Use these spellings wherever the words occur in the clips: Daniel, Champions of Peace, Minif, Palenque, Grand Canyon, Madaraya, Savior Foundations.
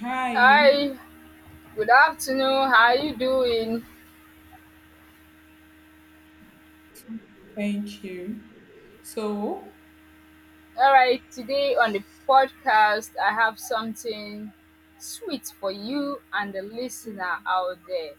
Hi, Hi, good afternoon. How are you doing? thank you. So, All right, today on the podcast, I have something sweet for you and the listener out there.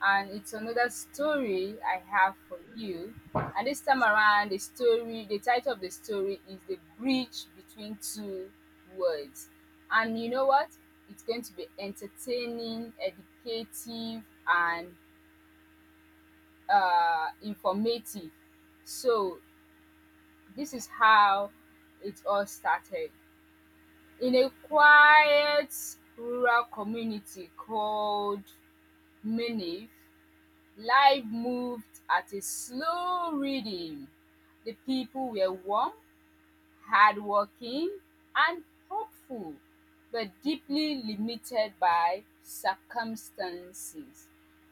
And it's another story I have for you. And this time around, the story, the title of the story is The Bridge Between Two Worlds. And you know what? It's going to be entertaining, educative, and informative. So this is how it all started. In a quiet rural community called Minif, life moved at a slow rhythm. The people were warm, hardworking, and hopeful, but deeply limited by circumstances.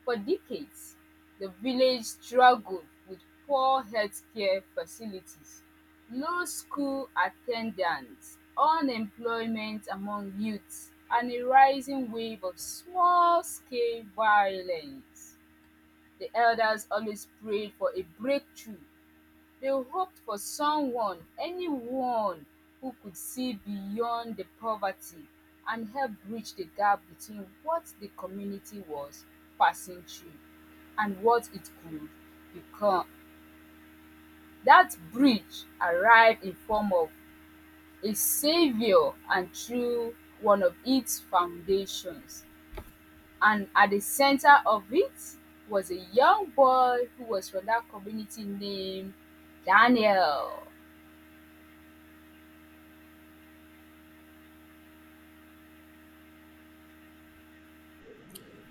For decades, the village struggled with poor healthcare facilities, low school attendance, unemployment among youths, and a rising wave of small scale violence. The elders always prayed for a breakthrough. They hoped for someone, anyone, who could see beyond the poverty and help bridge the gap between what the community was passing through and what it could become. That bridge arrived in form of a savior and through one of its foundations, and at the center of it was a young boy who was from that community named Daniel.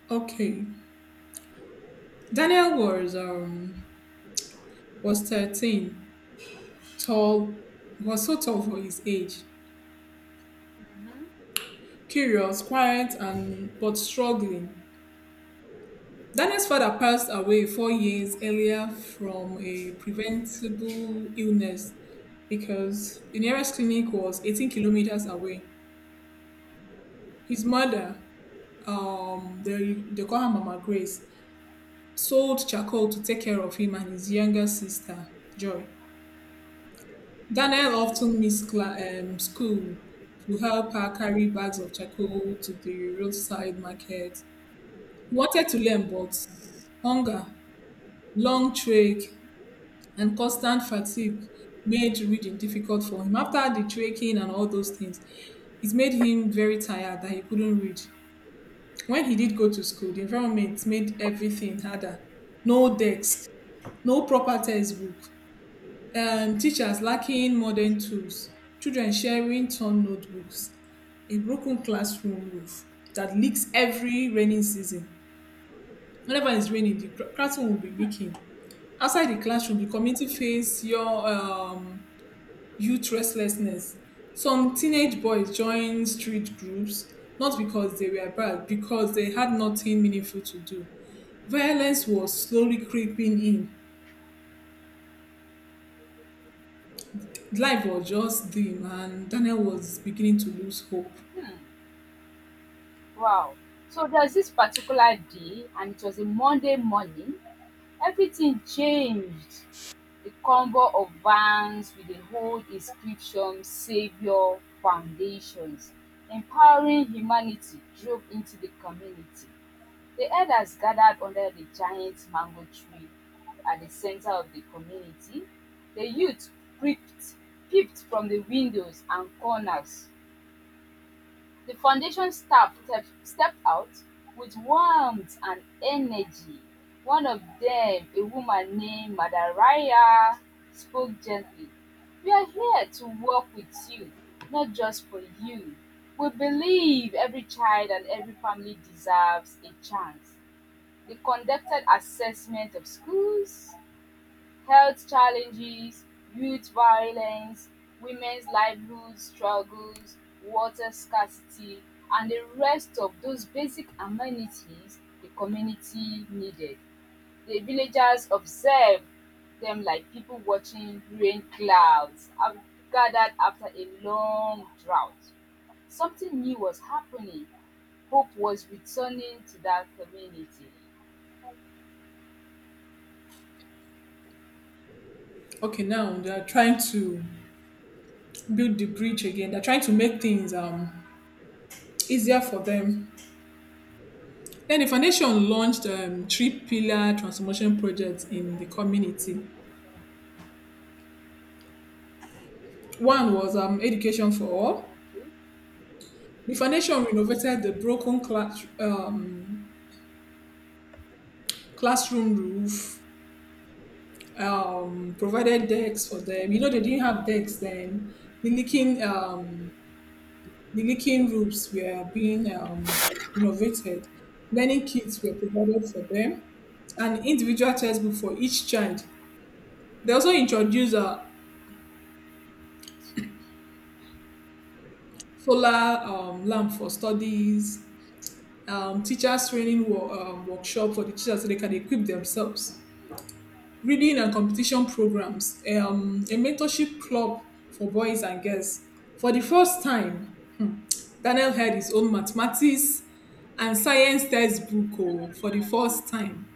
okay, Daniel was 13, tall, was so tall for his age, curious, quiet, and but struggling. Daniel's father passed away 4 years earlier from a preventable illness because the nearest clinic was 18 kilometers away. His mother, they call her Mama Grace, sold charcoal to take care of him and his younger sister, Joy. Daniel often missed school to help her carry bags of charcoal to the roadside market. He wanted to learn, but hunger, long trek, and constant fatigue made reading difficult for him. After the trekking and all those things, it made him very tired that he couldn't read. When he did go to school, the environment made everything harder. No desk, no proper textbook, teachers lacking modern tools, children sharing torn notebooks, a broken classroom roof that leaks every raining season. Whenever it's raining, the classroom will be leaking. Outside the classroom, the community face your youth restlessness. Some teenage boys join street groups not because they were bad, because they had nothing meaningful to do. Violence was slowly creeping in, life was just dim and Daniel was beginning to lose hope. Wow! So there's this particular day, and it was a Monday morning. Everything changed. A combo of vans with a whole inscription Savior Foundations, empowering humanity, drove into the community. The elders gathered under the giant mango tree at the center of the community. The youth peeped, peeped from the windows and corners. The foundation staff stepped out with warmth and energy. One of them, a woman named Madaraya, spoke gently, "We are here to work with you, not just for you. We believe every child and every family deserves a chance." They conducted assessment of schools, health challenges, youth violence, women's livelihood struggles, water scarcity, and the rest of those basic amenities the community needed. The villagers observed them like people watching rain clouds gathered after a long drought. Something new was happening. Hope was returning to that community. Okay, now they're trying to build the bridge again. They're trying to make things easier for them. Then the foundation launched three pillar transformation projects in the community. One was education for all. The foundation renovated the broken classroom roof, provided decks for them. You know, they didn't have decks then. The leaking um, The leaking roofs were being renovated. Learning kits were provided for them, and individual textbook for each child. They also introduced a solar lamp for studies, teachers training workshop for the teachers so they can equip themselves, reading and competition programs, a mentorship club for boys and girls. For the first time, Daniel had his own mathematics and science textbook, oh, for the first time.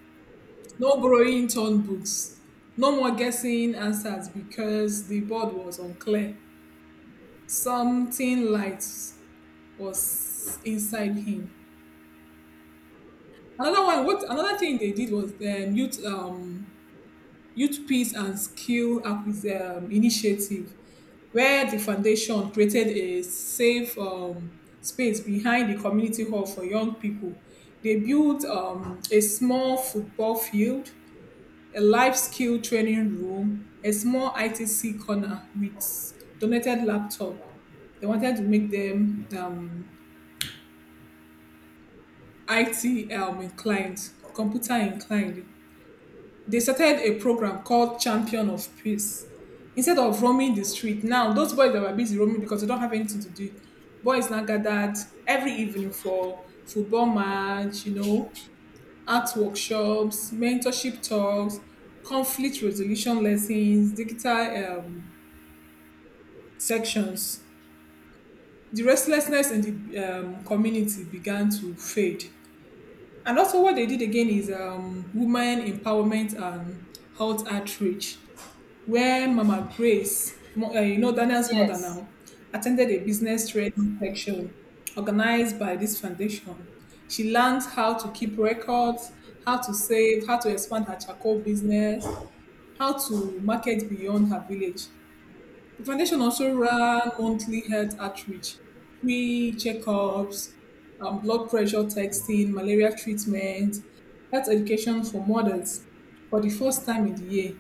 No borrowing torn books. No more guessing answers because the board was unclear. Something light was inside him. Another one, what another thing they did was the youth peace and skill up is initiative where the foundation created a safe space behind the community hall for young people. They built a small football field, a life skill training room, a small ITC corner with donated laptop. They wanted to make them IT inclined, computer inclined. They started a program called Champion of Peace. Instead of roaming the street, now those boys that were busy roaming because they don't have anything to do, boys now gathered every evening for football match, you know, art workshops, mentorship talks, conflict resolution lessons, digital um, sections. The restlessness in the community began to fade. And also, what they did again is women empowerment and health outreach, where Mama Grace, you know, Daniel's mother Yes. now, attended a business training section organized by this foundation. She learned how to keep records, how to save, how to expand her charcoal business, how to market beyond her village. The foundation also ran monthly health outreach, free checkups, blood pressure testing, malaria treatment, health education for mothers. For the first time in the year,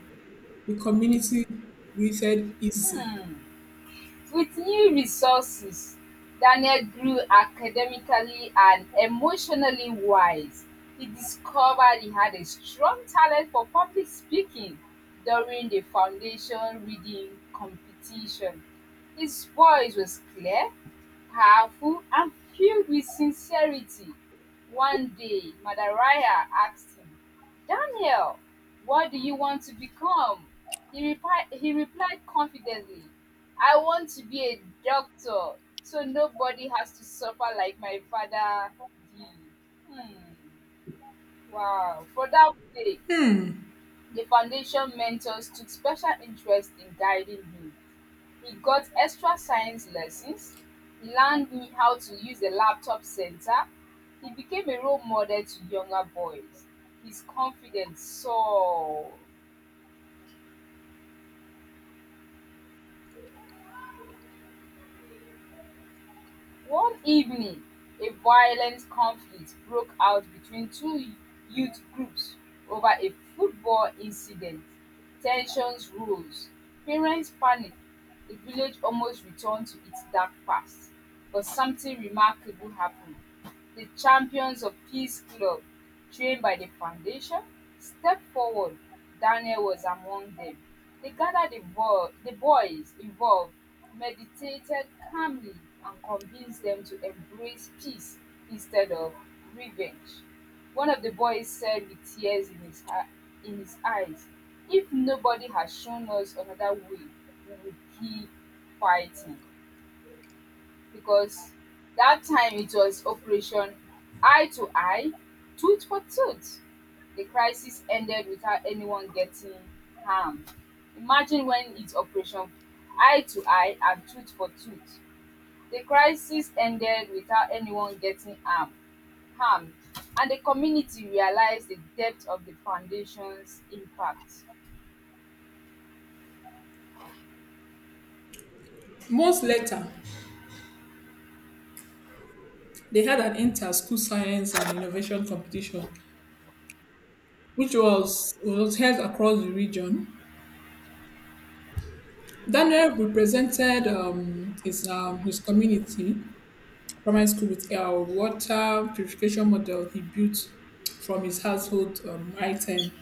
the community breathed easy. With new resources, Daniel grew academically and emotionally wise. He discovered he had a strong talent for public speaking during the foundation reading competition. His voice was clear, powerful, and filled with sincerity. One day, Madaraya asked him, "Daniel, what do you want to become?" He replied confidently, "I want to be a doctor so nobody has to suffer like my father did." Hmm. Wow. For that day, the foundation mentors took special interest in guiding him. He got extra science lessons, he learned me how to use a laptop center, he became a role model to younger boys. His confidence soared. One evening, a violent conflict broke out between two youth groups over a football incident. Tensions rose, parents panicked, the village almost returned to its dark past. But something remarkable happened. The Champions of Peace club, trained by the foundation, stepped forward. Daniel was among them. They gathered the boys involved, meditated calmly and convinced them to embrace peace instead of revenge. One of the boys said with tears in in his eyes, "If nobody has shown us another way, we will keep fighting," because that time it was operation eye to eye, tooth for tooth. The crisis ended without anyone getting harmed. Imagine when it's operation eye to eye and tooth for tooth. The crisis ended without anyone getting harmed, and the community realized the depth of the foundation's impact. Months later, they had an inter-school science and innovation competition, which was held across the region. Daniel represented his community primary school with a water purification model he built from his household item.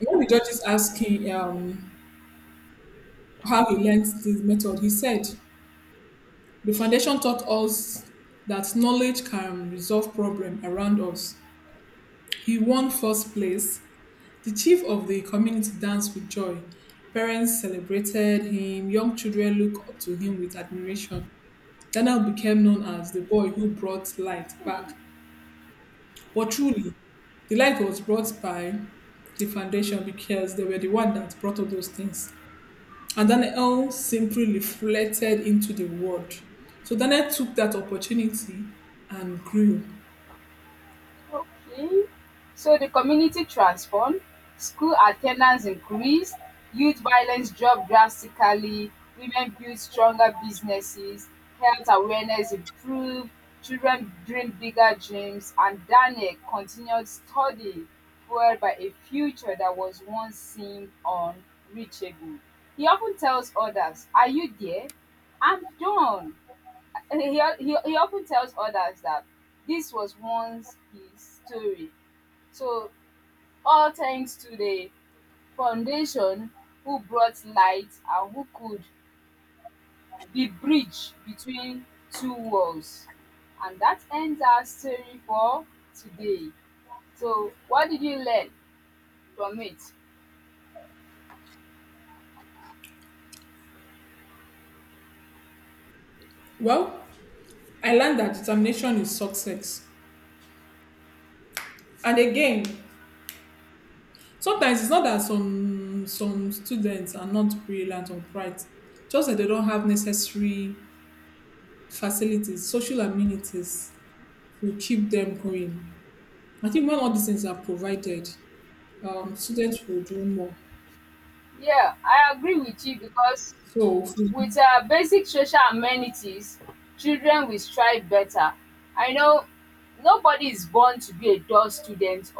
When the judges asked him how he learned this method, he said, the foundation taught us that knowledge can resolve problem around us. He won first place. The chief of the community danced with joy. Parents celebrated him. Young children looked up to him with admiration. Daniel became known as the boy who brought light back. But truly, the light was brought by the foundation because they were the one that brought all those things. And Daniel simply reflected into the world. So Daniel took that opportunity and grew. Okay. So the community transformed, school attendance increased, youth violence dropped drastically, women built stronger businesses, health awareness improved, children dreamed bigger dreams, and Daniel continued study fueled by a future that was once seemed unreachable. He often tells others, "Are you there? I'm done." And he often tells others that this was once his story. So, all thanks to the foundation who brought light and who could be bridge between two worlds. And that ends our story for today. So, what did you learn from it? Well, I learned that determination is success. And again, sometimes it's not that some students are not brilliant or bright, just that they don't have necessary facilities, social amenities to keep them going. I think when all these things are provided, students will do more. Yeah, I agree with you, because So with basic social amenities, children will strive better. I know nobody is born to be a dull student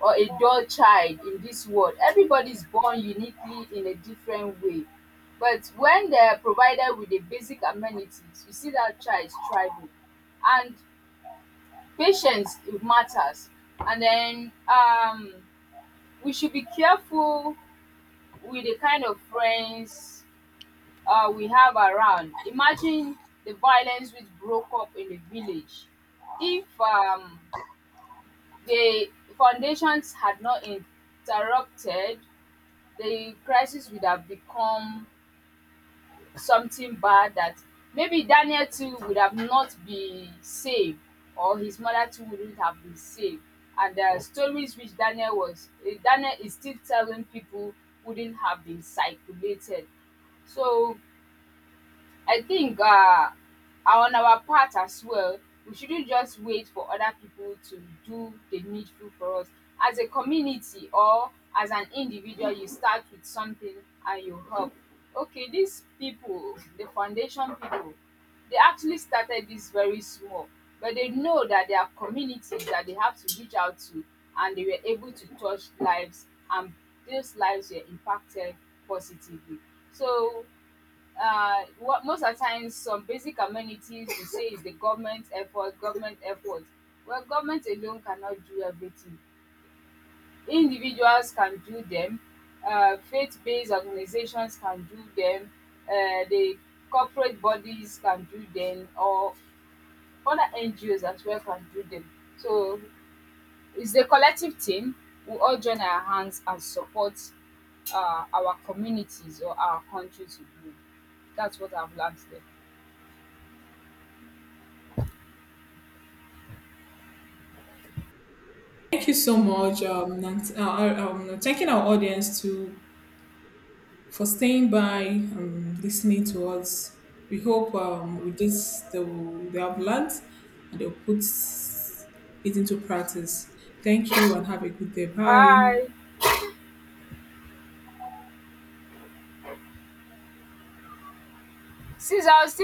or a dull child in this world. Everybody is born uniquely in a different way. But when they're provided with the basic amenities, you see that child is thriving. And patience, it matters. And then, we should be careful with the kind of friends we have around. Imagine the violence which broke up in the village. If the foundations had not interrupted, the crisis would have become something bad, that maybe Daniel too would have not been saved, or his mother too wouldn't have been saved. And the stories which Daniel was, eh, Daniel is still telling people wouldn't have been circulated. So I think on our part as well, we shouldn't just wait for other people to do the needful for us. As a community or as an individual, you start with something and you help. Okay, these people, the foundation people, they actually started this very small, but they know that there are communities that they have to reach out to, and they were able to touch lives, and those lives were impacted positively. So, what most of the times some basic amenities you say is the government effort, government effort. Well, government alone cannot do everything. Individuals can do them. Faith-based organizations can do them. The corporate bodies can do them, or other NGOs as well can do them. So it's a collective team. We all join our hands and support our communities or our country to grow. That's what I've learned there. thank you so much, thanking our audience to for staying by, listening to us. We hope with this they have learned and they'll put it into practice. Thank you and have a good day. Bye. Hi. Since I was